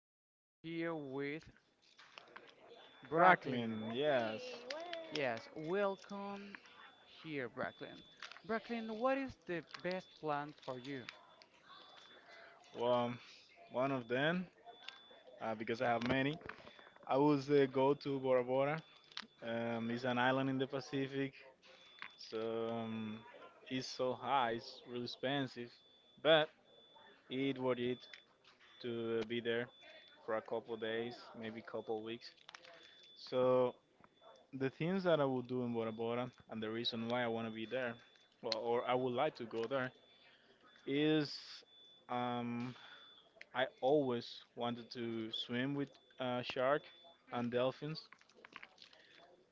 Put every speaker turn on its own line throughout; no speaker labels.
and we are here with Bracklin.
Brooklyn. Yes.
Yes, welcome here, Bracklin. Bracklin, what is the best plan for you?
Well, one of them, because I have many. I would go to Bora Bora. It's an island in the Pacific, so it's so high, it's really expensive, but it worth it to be there for a couple of days, maybe couple weeks. So the things that I would do in Bora Bora and the reason why I want to be there, well, or I would like to go there, is um, I always wanted to swim with shark and dolphins.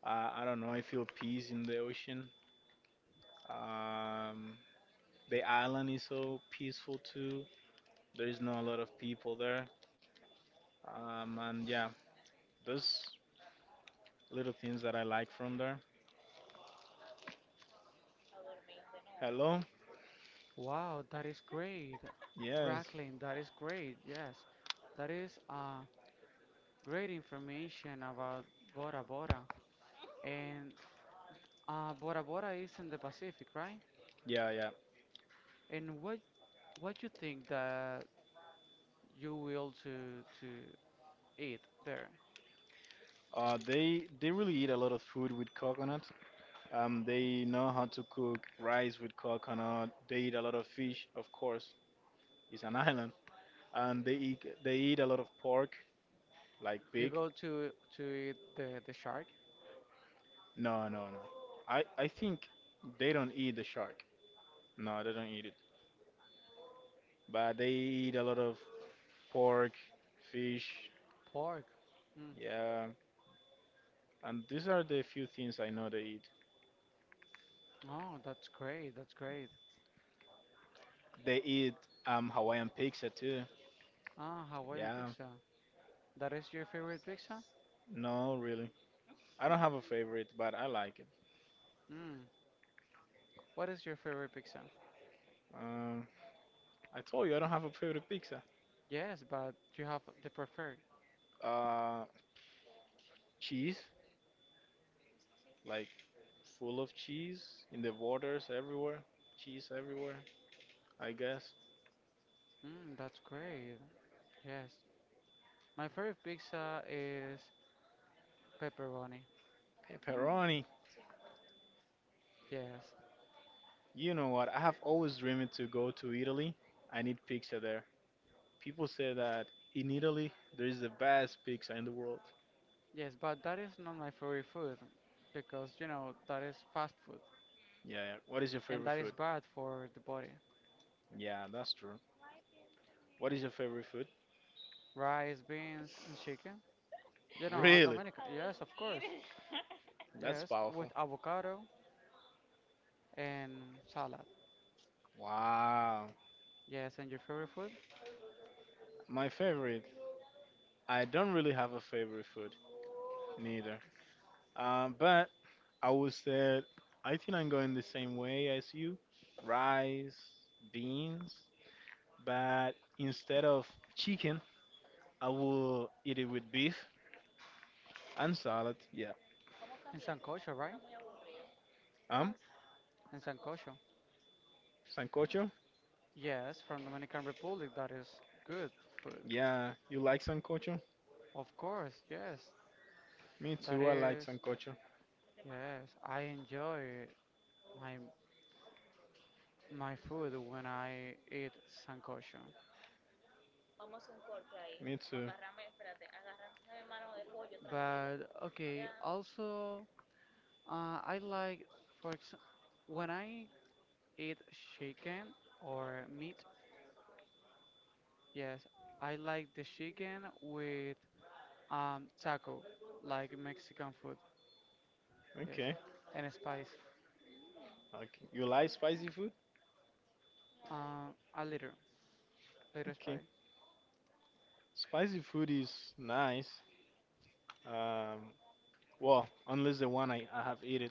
I don't know. I feel peace in the ocean. Um, the island is so peaceful too. There is not a lot of people there. And yeah, those little things that I like from there. Hello.
Wow, that is great.
Yes.
Bracklin, that is great. Yes, that is great information about Bora Bora. And Bora Bora is in the Pacific, right?
Yeah, yeah.
And what you think that you will to eat there.
They really eat a lot of food with coconut. They know how to cook rice with coconut. They eat a lot of fish, of course. It's an island. And they eat a lot of pork, like
You
pig.
go to eat the shark.
No, no, no. I think they don't eat the shark. No, they don't eat it. But they eat a lot of pork, fish.
Pork. Mm.
Yeah, and these are the few things I know they eat.
Oh, that's great. That's great.
They eat Hawaiian pizza too.
Ah, Hawaiian
Yeah.
pizza. That is your favorite pizza?
No, really. I don't have a favorite, but I like it.
Mm. What is your favorite pizza?
Um, I told you I don't have a favorite pizza.
Yes, but you have the preferred.
Uh, Cheese, like full of cheese in the waters everywhere, cheese everywhere, I guess.
That's great. Yes. My favorite pizza is pepperoni.
Pepperoni.
Yes.
You know what? I have always dreamed to go to Italy. I need pizza there. People say that in Italy there is the best pizza in the world.
Yes, but that is not my favorite food because that is fast food
Yeah, yeah. What is your
and
favorite
that is
food?
bad for the body.
Yeah, that's true. What is your favorite food?
Rice, beans, and chicken. You know, and
Really?
Dominican. Yes, of course.
That's
Yes,
powerful.
with avocado and salad.
Wow.
Yes, and your favorite food?
My favorite. I don't really have a favorite food, neither. But I would say I think I'm going the same way as you. Rice, beans, but instead of chicken, I will eat it with beef and salad. Yeah.
In sancocho, right?
Um,
In sancocho.
Sancocho.
Yes, from Dominican Republic. That is good food.
Yeah, you like sancocho?
Of course, yes.
Me
That
too. I like
is,
sancocho.
yes. I enjoy my my food when I eat sancocho.
Me too.
But okay, also I like, for example, when I eat chicken or meat, yes, I like the chicken with taco, like Mexican food. Yes,
Okay.
and spice.
Okay. You like spicy food?
A little
Okay.
spice.
Spicy food is nice. Um, well, unless the one I have eaten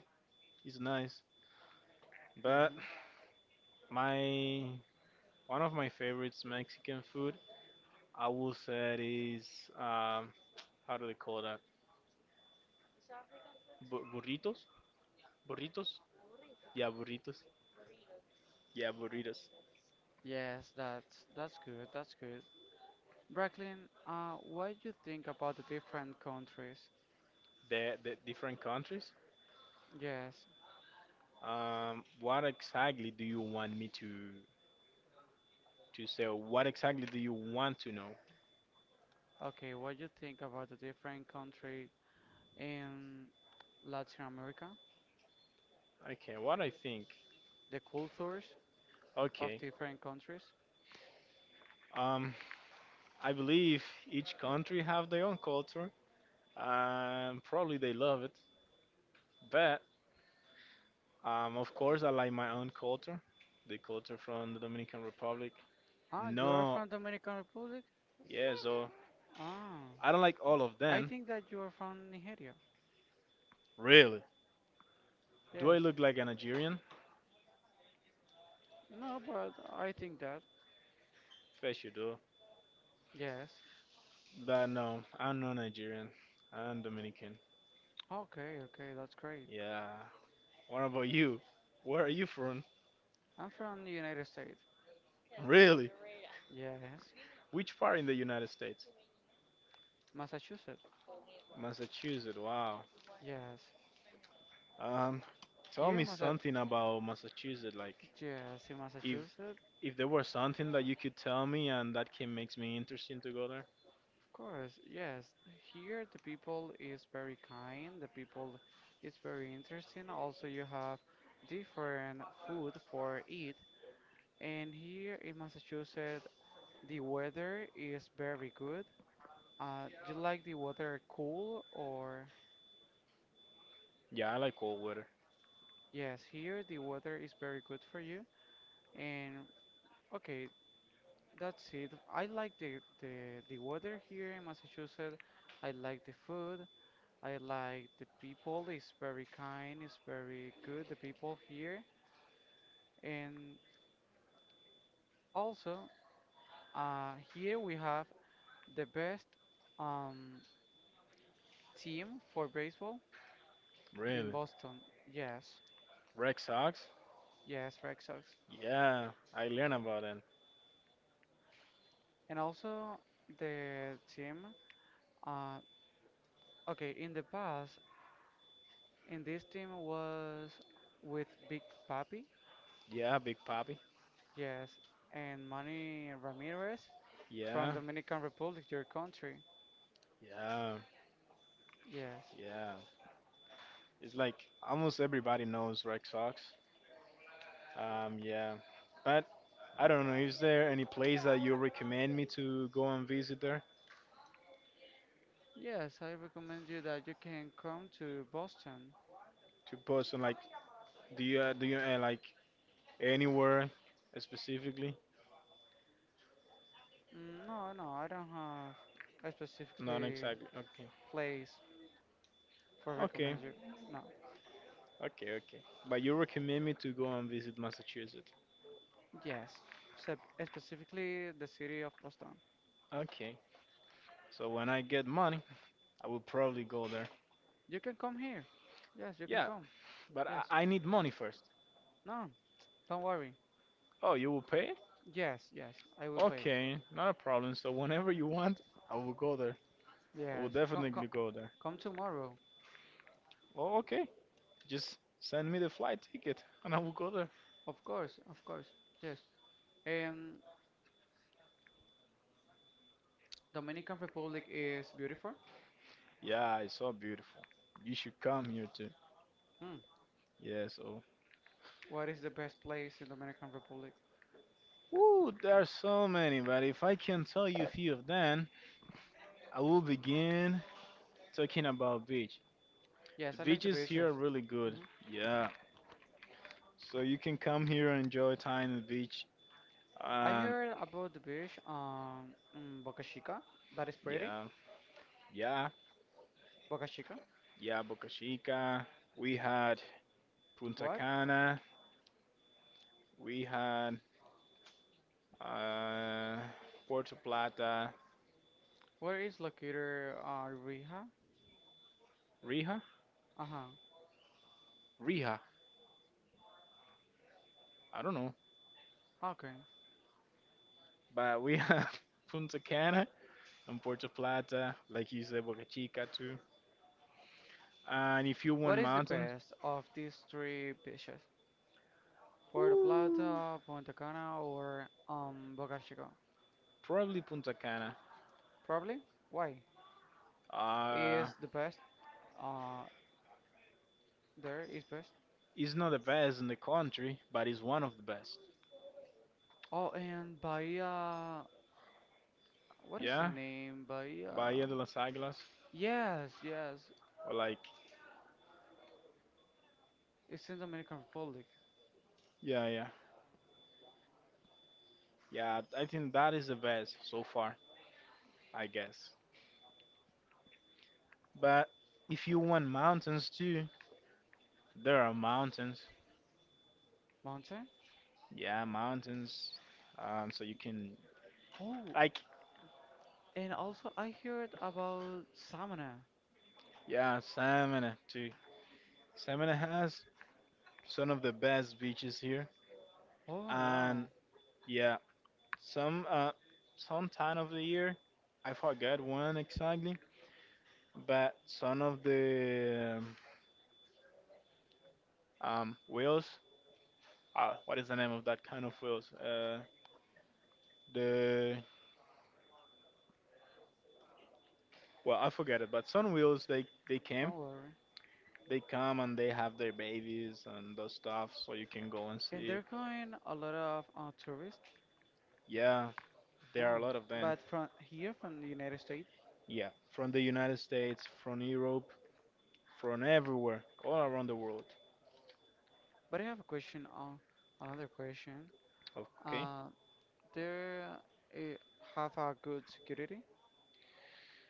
is nice. But
Hmm.
my one of my favorites Mexican food, I will say it is um how do they call that? Burritos? Burritos? Yeah, burritos. Yeah, burritos.
Yes, that's good. That's good. Bracklin, what do you think about the different countries?
The different countries.
Yes.
What exactly do you want me to say? Or what exactly do you want to know?
Okay, what do you think about the different country in Latin America?
Okay, what I think.
The cultures of
Okay.
different countries?
Um, I believe each country have their own culture, and probably they love it. But of course, I like my own culture, the culture from the Dominican Republic.
Ah, you are
No,
from Dominican Republic?
yeah, so
Ah,
I don't like all of
I
them.
think that you are from Nigeria.
Really? Do I
Yes.
look like a Nigerian?
No, but I think that.
Yes, you do.
Yes.
But no, I'm not Nigerian. I'm Dominican.
Okay, okay, that's great.
Yeah. What about you? Where are you from?
I'm from the United States.
Really?
Yes.
Which part in the United States?
Massachusetts.
Massachusetts. Wow.
Yes.
Um, Tell
Here,
me
Massa.
something about Massachusetts. Like,
Yes, in
if
Massachusetts. Of
if there were something that you could tell me and that can makes me interesting to go there.
course. Yes. Here, the people is very kind. The people is very interesting. Also, you have different food for eat. And here in Massachusetts, the weather is very good. Do you like the weather cool or?
Yeah, I like cold weather.
Yes, here the weather is very good for you. And okay, that's it. I like the weather here in Massachusetts. I like the food. I like the people. It's very kind. It's very good. The people here. And also, here we have the best um team for baseball in
Really?
Boston. Yes,
Red Sox?
yes, Red Sox.
Yeah, I learned about them.
And also the team. Uh, okay, in the past. And this team was with Big Papi,
Yeah, Big Papi.
yes, and Manny Ramirez from
Yeah,
Dominican Republic, your country,
yeah,
yes.
yeah. It's like almost everybody knows Red Sox. Yeah, but I don't know. Is there any place that you recommend me to go and visit there?
Yes, I recommend you that you can come to Boston.
To Boston, like, do you like anywhere specifically?
No, no, I don't have a
Not
specifically
exactly. Okay.
place for
Okay.
recommend you. No.
Okay. Okay. But you recommend me to go and visit Massachusetts.
Yes, specifically the city of Boston.
Okay. So when I get money, I will probably go there.
You can come here. Yes, you can
Yeah,
come.
but
Yes.
I need money first.
No, don't worry.
Oh, you will pay it?
Yes, yes, I will pay.
Okay, not a problem. So whenever you want, I will go there. I will
Yes, come, come,
definitely go there.
come tomorrow.
Oh, okay. Just send me the flight ticket and I will go there.
Of course, of course. Yes. Um, Dominican Republic is beautiful.
Yeah, it's so beautiful. You should come here too.
Hmm.
Yeah, so.
What is the best place in Dominican Republic?
Woo, there are so many, but if I can tell you a few of them, I will begin talking about beach. The
Yes, I like the
beaches here
beaches.
are really good.
Hmm.
Yeah. So you can come here and enjoy time on the beach.
I
Um,
heard about the beach in Boca Chica. That is pretty.
yeah, yeah,
Boca Chica.
yeah, Boca Chica. We had Punta
What?
Cana. We had uh, Puerto Plata,
Where is located Rija?
Rija,
Uh-huh.
Rija. I don't know,
Okay.
but we have Punta Cana and Puerto Plata, like you said, Boca Chica too. And if you want
What is the
mountains,
best of these three beaches? Puerto
woo,
Plata, Punta Cana, or Boca Chica?
probably Punta Cana.
Probably. Why?
Uh,
Is the best. Uh, there is best.
it's not the best in the country, but it's one of the best.
Oh, and Bahia, what is the
Yeah,
name? Bahia.
Bahía de las Águilas,
Yes, yes.
or like,
It's in Dominican Republic.
yeah, yeah. Yeah, I think that is the best so far, I guess. But if you want mountains too, there are mountains.
Mountain.
Yeah, mountains. So you can
Oh,
like
and also I heard about Samana.
yeah, Samana too. Samana has some of the best beaches here,
Oh,
and
wow.
yeah, some uh, some time of the year, I forgot when exactly, but some of the whales. What is the name of that kind of whales? The well, I forget it, but Sun Wheels they came,
Don't worry.
they come and they have their babies and those stuff, so you can go and
And
see
they're
it.
going a lot of tourists.
Yeah, there are a
Oh,
lot of them.
but from here, from the United States.
Yeah, from the United States, from Europe, from everywhere, all around the world.
But I have a question. Another question.
Okay.
Uh, there uh, have a good security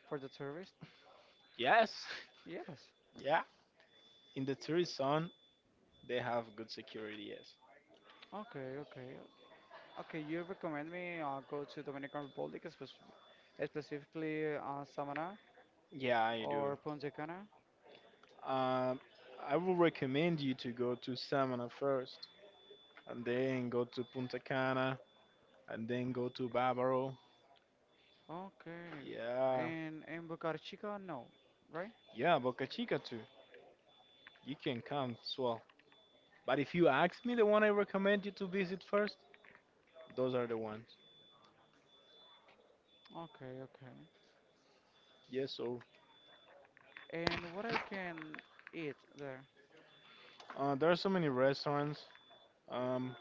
for the tourists.
Yes.
Yes.
Yeah. In the tourist zone, they have good security. Yes.
Okay, okay. Okay, you recommend me go to Dominican Republic, specifically Samaná
Yeah, I do.
or Punta Cana?
Um, I will recommend you to go to Samana first, and then go to Punta Cana, and then go to Bávaro,
Okay.
yeah,
And Boca Chica, no, right?
yeah, Boca Chica too. You can come as well. But if you ask me the one I recommend you to visit first, those are the ones.
Okay, okay.
Yes, so
And what I can eat there?
there are so many restaurants. Um,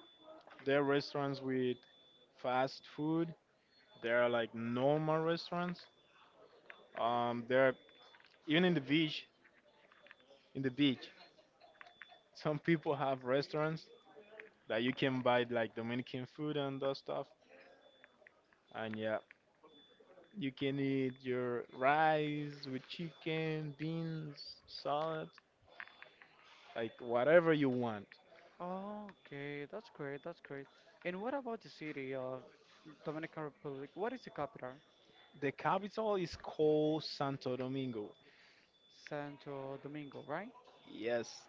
there are restaurants with fast food. There are like normal restaurants. There are even in the beach. In the beach, some people have restaurants that you can buy like Dominican food and that stuff. And yeah, you can eat your rice with chicken, beans, salad, like whatever you want.
Okay, that's great, that's great. And what about the city of Dominican Republic? What is the capital?
The capital is called Santo Domingo.
Santo Domingo, right?
Yes.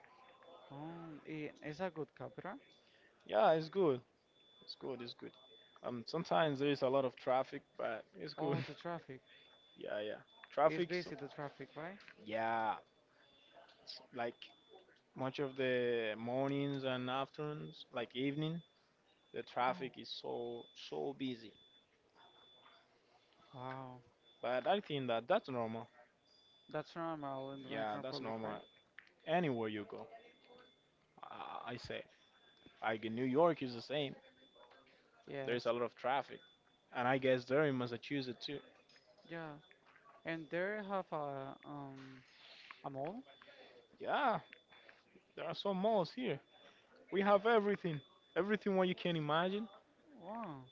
Oh, is that good capital?
Yeah, it's good. It's good. It's good. Sometimes there is a lot of traffic, but it's good.
Oh, the traffic.
Yeah, yeah.
It's
Traffic. So,
busy, the traffic, right?
yeah, it's like much of the mornings and afternoons, like evening, the traffic
Oh,
is so busy.
wow.
But I think that that's normal.
That's normal in
Yeah,
Dominican
that's
Republic,
normal.
right?
Anywhere you go, I say. Like in New York is the same. There
Yes.
is a lot of traffic. And I guess they're in Massachusetts too.
Yeah. And there have a mall?
Yeah, there are some malls here. We have everything. Everything what you can imagine,
Wow.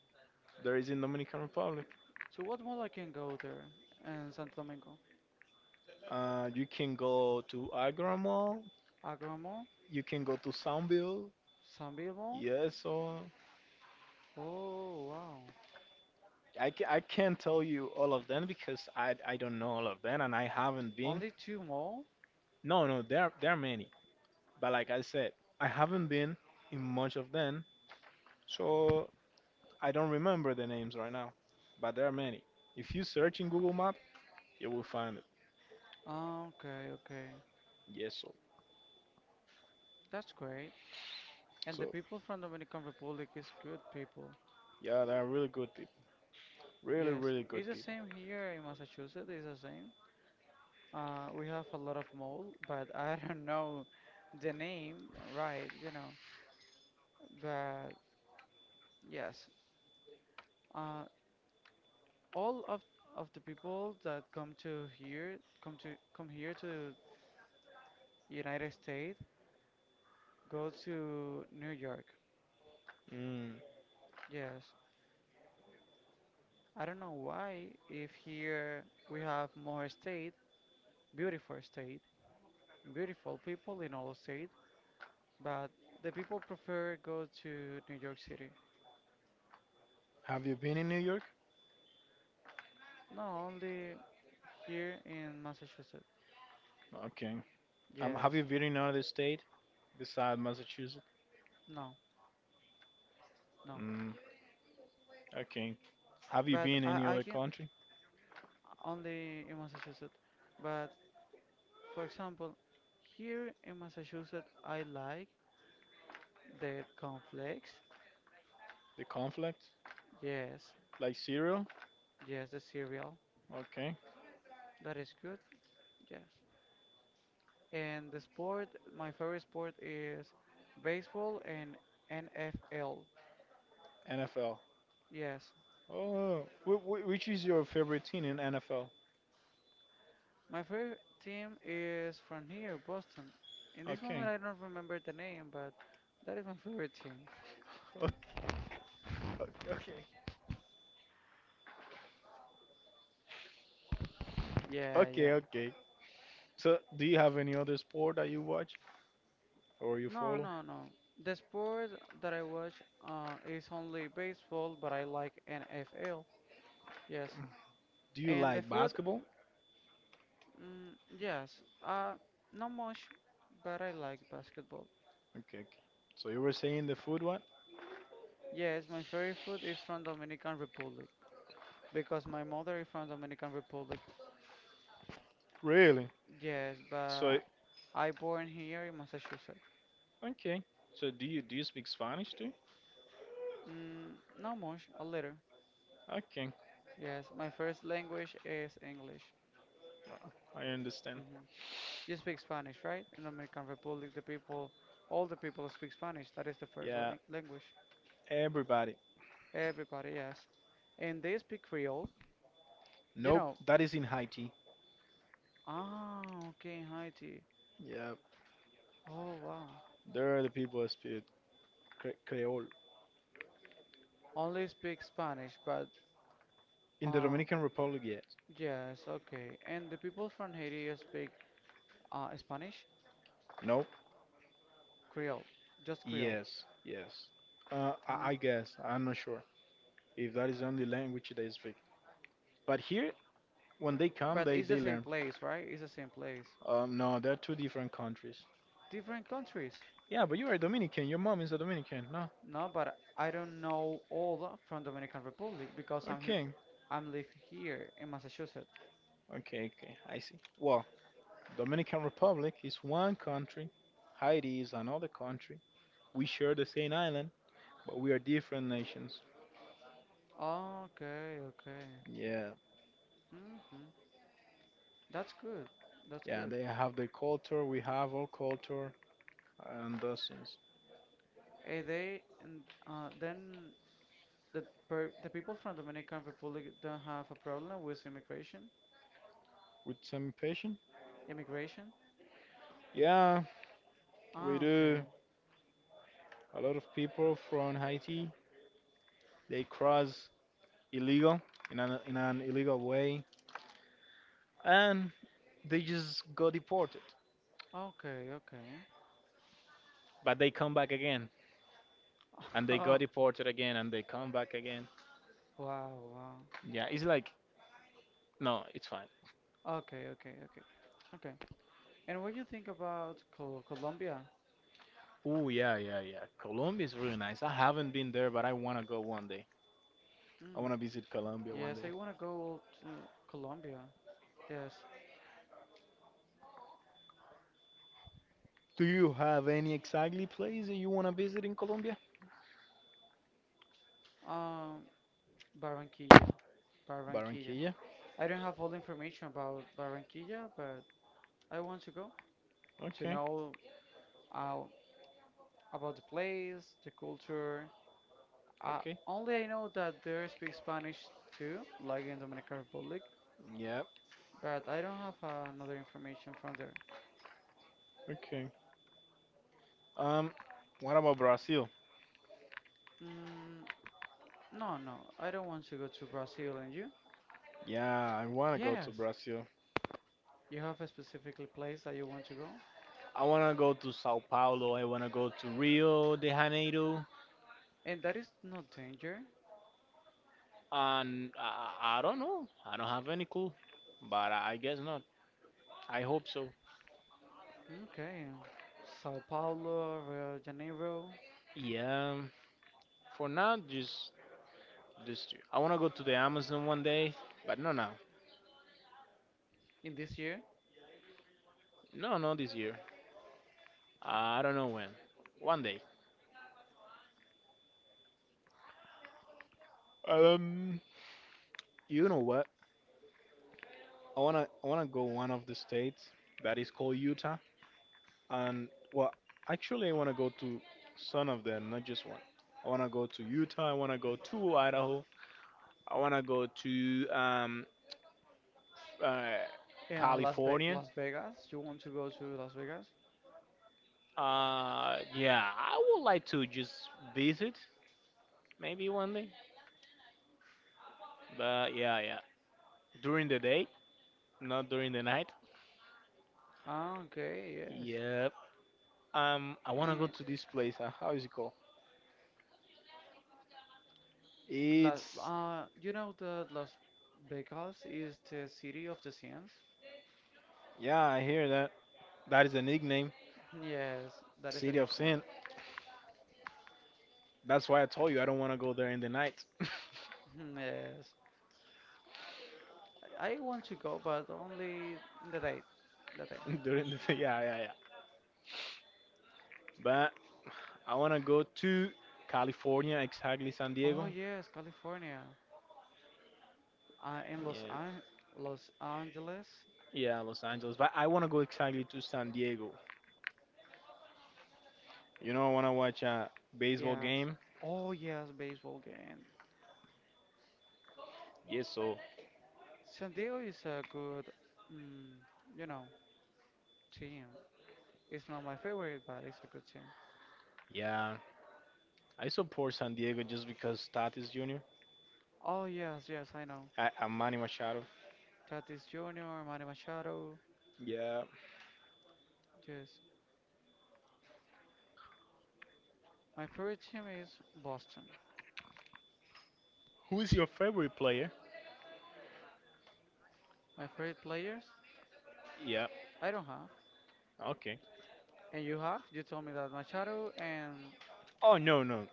there is in Dominican Republic.
So what mall I can go there in Santo Domingo?
You can go to Agra Mall.
Agua Mall?
You can go to Soundville.
Sanville Mall?
Yeah, so
Oh, wow.
I can't tell you all of them because I don't know all of them and I haven't been.
Only two mall?
No, no, there are many. But like I said, I haven't been in much of them. So I don't remember the names right now. But there are many. If you search in Google Map, you will find it.
Ah, okay, okay.
Yes,
That's great. And the
so
people from Dominican Republic is good people.
yeah, they're really good people. Really,
Yes.
really good
It's the
people.
same here in Massachusetts, it's the same. We have a lot of mall, but I don't know the name, right. But yes, uh, all of the people that come to here, come here to United States, go to New York.
Mm.
Yes. I don't know why, if here we have more state, beautiful people in all state, but the people prefer go to New York City.
Have you been in New York?
No, only here in Massachusetts.
Okay. Have
Yes.
you been in another state besides Massachusetts?
No, no.
Mm. Okay. Have you
But
been in any
I
other
can
country?
only in Massachusetts. But for example, here in Massachusetts, I like the cornflakes.
The conflict?
Yes,
Like Syria?
yes, the cereal.
Okay.
That is good. Yes. And the sport, my favorite sport is baseball and NFL.
NFL.
Yes.
Oh, which is your favorite team in NFL?
My favorite team is from here, Boston. In this
Okay.
moment, I don't remember the name, but that is my favorite team.
Okay,
Yeah, yeah.
okay, okay. So, do you have any other sport that you watch or you
No,
follow?
no, no. The sport that I watch is only baseball, but I like NFL. Yes.
Do you
And the
like
food,
basketball?
mm, yes. Uh, Not much, but I like basketball.
Okay. Okay. So you were saying the food one?
Yes, my favorite food is from Dominican Republic because my mother is from Dominican Republic.
Really?
Yes,
So
but I born here in Massachusetts.
okay. So do you speak Spanish too?
Mm, Not much, a little.
Okay.
Yes, my first language is English.
I understand.
Hmm. You speak Spanish, right? In the Dominican Republic, the people, all the people speak Spanish. That is the first
Yeah,
language.
everybody.
Everybody, yes. And they speak Creole. You
Nope,
know,
that is in Haiti.
ah, okay, in Haiti.
Yeah,
Oh, wow.
there are the people that speak Creole.
Only speak Spanish, but
In the
uh,
Dominican Republic, yes.
yes, okay. And the people from Haiti speak Spanish,
Nope.
Creole, just Creole.
Yes, yes.
Oh,
I guess I'm not sure if that is the only language they speak. But here, when they come,
but it's the
they
same
learn.
place, right? It's the same place.
No, they're two different countries.
Different countries.
Yeah, but you are Dominican. Your mom is a Dominican, no?
No, but I don't know all from Dominican Republic because I'm here.
Okay,
I'm live here in Massachusetts.
okay, okay. I see. Well, Dominican Republic is one country. Haiti is another country. We share the same island, but we are different nations.
Okay, okay.
Yeah,
Hmm. That's good. That's
yeah.
good.
They have their culture. We have our culture, and those things.
They and then the people from Dominican Republic don't have a problem with immigration.
With some patient?
Immigration.
Yeah, we
Ah, okay.
do. A lot of people from Haiti they cross illegal in an illegal way, and They just got deported.
Okay, okay.
But they come back again, and they got deported again, and they come back again.
Oh, wow, wow.
Yeah, it's like, no, it's fine.
Okay, okay, okay, okay. And what do you think about Colombia?
Oh, yeah, yeah, yeah. Colombia is really nice. I haven't been there, but I want to go one day. I
Hmm.
want to visit Colombia one
Yes,
day.
I want to go to Colombia. Yes.
Do you have any exactly place that you want to visit in Colombia?
Um, Barranquilla. Barranquilla.
Barranquilla?
I don't have all the information about Barranquilla, but I want to go to
Okay,
know uh, about the place, the culture. Uh,
okay.
Only I know that there speak Spanish too, like in Dominican Republic,
Yeah,
but I don't have another information from there.
okay. Um, what about Brazil?
Mm, no, no, I don't want to go to Brazil. And you?
Yeah, I want to go to
Yes.
Brazil.
You have a specific place that you want to go?
I want to go to Sao Paulo. I want to go to Rio de Janeiro.
And that is no danger.
And I don't know. I don't have any clue, but I guess not. I hope so.
Okay, Sao Paulo, Rio de Janeiro
Yeah. For now, just two. I wanna go to the Amazon one day, but no now.
in this year,
No, no, this year. I don't know when. One day. Um, you know what? I wanna go one of the states that is called Utah, and well, actually I wanna go to some of them, not just one. I wanna go to Utah. I wanna go to Idaho. I wanna go to uh,
and Las Ve
California.
Las Vegas. You want to go to Las Vegas?
Yeah, I would like to just visit maybe one day. But yeah, yeah, during the day, not during the night.
Ah, okay, yes.
Yep. I wanna go
And
to this place. How is it called?
La
It's
you know that Las Vegas is the city of the science?
Yeah, I hear that. That is a nickname.
Yes, that is the
City of
nickname.
Sin. That's why I told you I don't wanna go there in the night.
Yes, I want to go, but only in the day, the day.
During the yeah, yeah, yeah. But I wanna go to California, exactly San Diego.
Oh yes, California, in Los
Yeah.
An Los Angeles.
Yeah, Los Angeles. But I want to go exactly to San Diego. You know, I want to watch a baseball
Yes.
game.
Oh yes, baseball game.
Yes, so
San Diego is a good, mm, you know, team. It's not my favorite, but it's a good team.
yeah, I support San Diego just because Tatis Jr.
Oh yes, yes, I know.
I'm Manny Machado.
Tatis Jr., Manny Machado.
Yeah.
Yes, my favorite team is Boston.
Who is your favorite player?
My favorite players,
Yeah.
I don't have,
Okay.
and you have. You told me that Machado and
Oh no, no.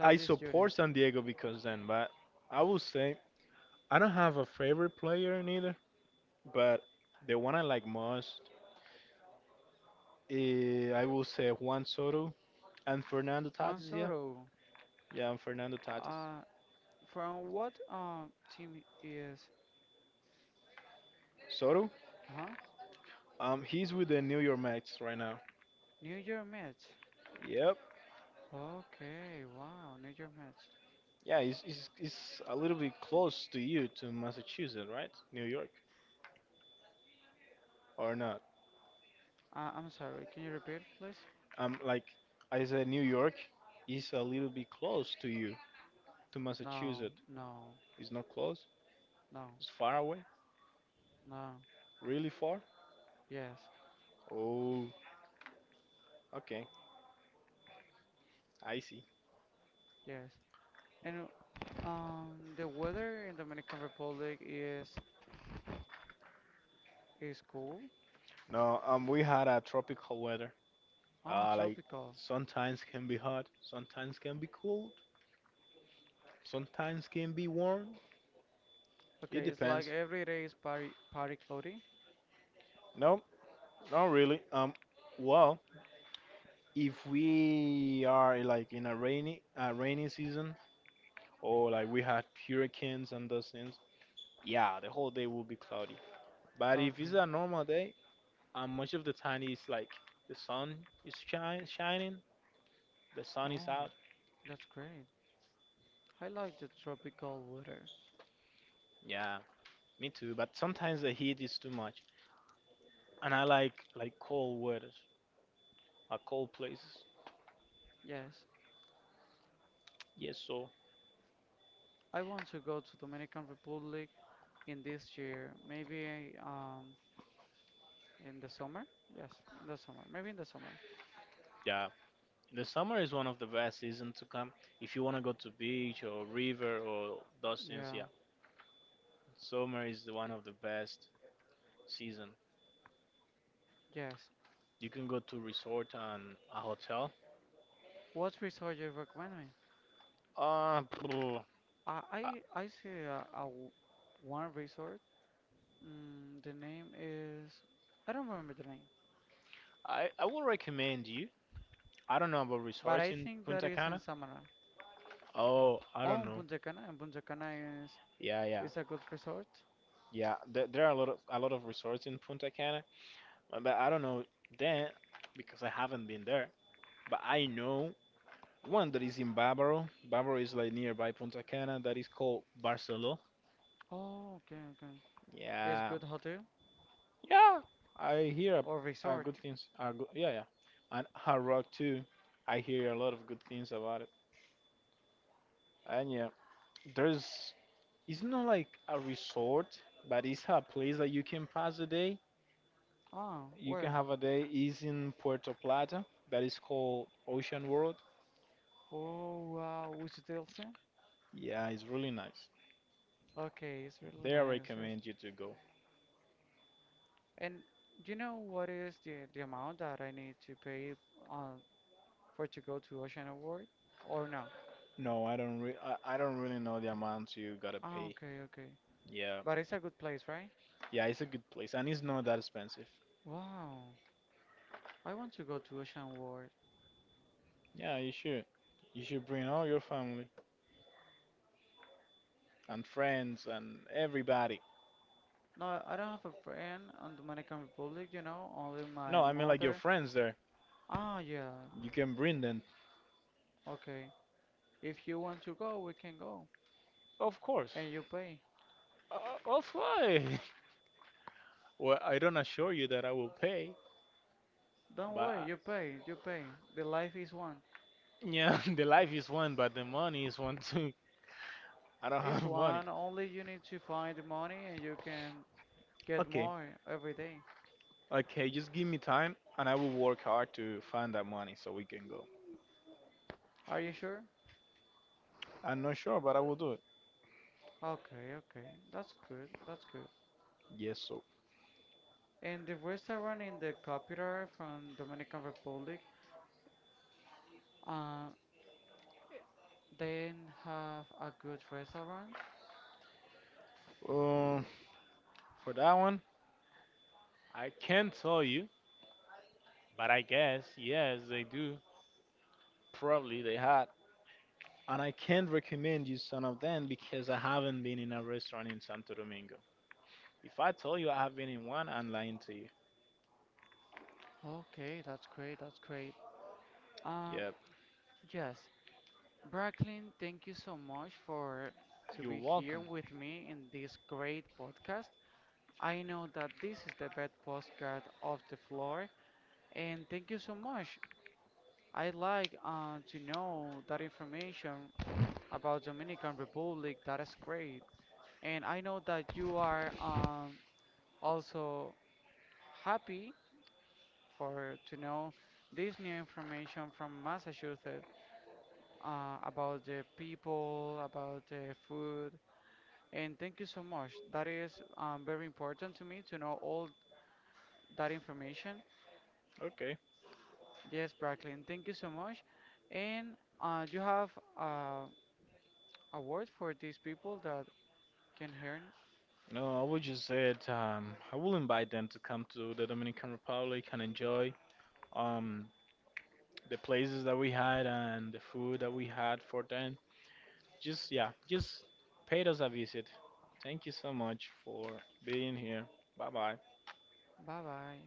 I
Jr.
support San Diego because then, but I will say I don't have a favorite player neither. But the one I like most, I will say Juan Soto and Fernando
Juan
Tatis. Yeah.
Soto.
Yeah, and Fernando Tatis.
Uh, from what team is?
Soto?
Huh?
He's with the New York Mets right now.
New York Mets.
Yep.
Okay, wow, New York Mets.
Yeah, he's a little bit close to you, to Massachusetts, right? New York, or not?
I'm sorry. Can you repeat, please?
Like I said, New York is a little bit close to you, to
No,
Massachusetts.
no,
It's not close.
no,
It's far away.
no.
Really far.
Yes,
Oh, okay. I see.
yes. And the weather in Dominican Republic is cool.
No, we had a tropical weather.
Ah,
Like
tropical.
sometimes can be hot, sometimes can be cold, sometimes can be warm. It
Okay, it's like
depends.
every day is party cloudy.
No, not really. Well, if we are like in a rainy, rainy season, or like we had hurricanes and those things, yeah, the whole day will be cloudy. But if
Okay.
it's a normal day, much of the time it's like the sun shining, the sun is out.
Oh, that's great. I like the tropical weather.
Yeah, me too. But sometimes the heat is too much, and I like cold weather, like cold places.
Yes,
Yes, so.
I want to go to Dominican Republic in this year. Maybe in the summer. Yes, in the summer. Maybe in the summer.
Yeah. The summer is one of the best season to come. If you want to go to beach or river or those things, yeah,
Yeah.
summer is the one of the best season.
Yes.
You can go to resort and a hotel.
What resort you recommend me?
Uh, I,
I see one resort. Mm, the name is I don't remember the name,
I would recommend you. I don't know about
but I
resorts in
think that
Punta
is in
Cana.
Samara.
Oh, I
Oh,
don't
in
know.
Punta Cana, and Punta Cana is
Yeah, yeah,
is a good resort.
yeah. There are a lot of resorts in Punta Cana, but I don't know then because I haven't been there. But I know one that is in Bávaro. Bávaro is like nearby Punta Cana. That is called Barceló.
Oh, okay, okay. It's
Yeah,
good hotel
yeah. I hear
or
a
resort.
good things. Are good. Yeah, yeah. And Hard Rock too. I hear a lot of good things about it. And yeah, there's. It's not like a resort, but it's a place that you can pass the day.
Ah,
You can
where?
have a day. Is in Puerto Plata. That is called Ocean World.
Oh, wow, Which Delphi?
Yeah, it's really nice.
Okay, it's really
There, I
nice. Yes.
recommend you to go.
And do you know what is the amount that I need to pay uh, for to go to Ocean Award or no?
No, I don't. I don't really know the amount you gotta
Ah,
pay.
okay, okay.
Yeah.
But it's a good place, right?
Yeah, it's a good place and it's not that expensive.
Wow. I want to go to Ocean World.
Yeah, you should. You should bring all your family and friends and everybody.
No, I don't have a friend on Dominican Republic, only my
No, I mean like your
mother.
friends there.
Ah, yeah.
You can bring them.
Okay. If you want to go, we can go.
Of course.
And you pay.
Uh, of course. Well, I don't assure you that I will pay,
Don't
but
worry,
I-
you pay, you pay. The life is one.
yeah, the life is one, but the money is one too. I don't
It's
have money.
one, only you need to find the money and you can get
Okay.
more every day.
Okay, just give me time and I will work hard to find that money so we can go.
Are you sure?
I'm not sure, but I will do it.
Okay, okay. That's good, that's good.
Yes, so.
And the restaurant in the capital from Dominican Republic, uh, then have a good restaurant.
Um, for that one, I can't tell you, but I guess yes, they do. Probably they had, and I can't recommend you some of them because I haven't been in a restaurant in Santo Domingo. If I tell you I have been in one, I'm lying to you.
Okay, that's great. That's great. Um,
Yep,
yes, Bracklin, thank you so much for to
you're
be here
welcome.
with me in this great podcast. I know that this is the best podcast of the floor, and thank you so much. I like to know that information about Dominican Republic. That is great, and I know that you are also happy for to know this new information from Massachusetts about the people, about the food. And thank you so much. That is very important to me to know all that information.
Okay.
Yes, Bracklin, thank you so much. And you have uh, a word for these people that can hear.
No, I would just say that I will invite them to come to the Dominican Republic and enjoy um the places that we had and the food that we had for them. Just yeah, just paid us a visit. Thank you so much for being here. Bye bye.
Bye bye.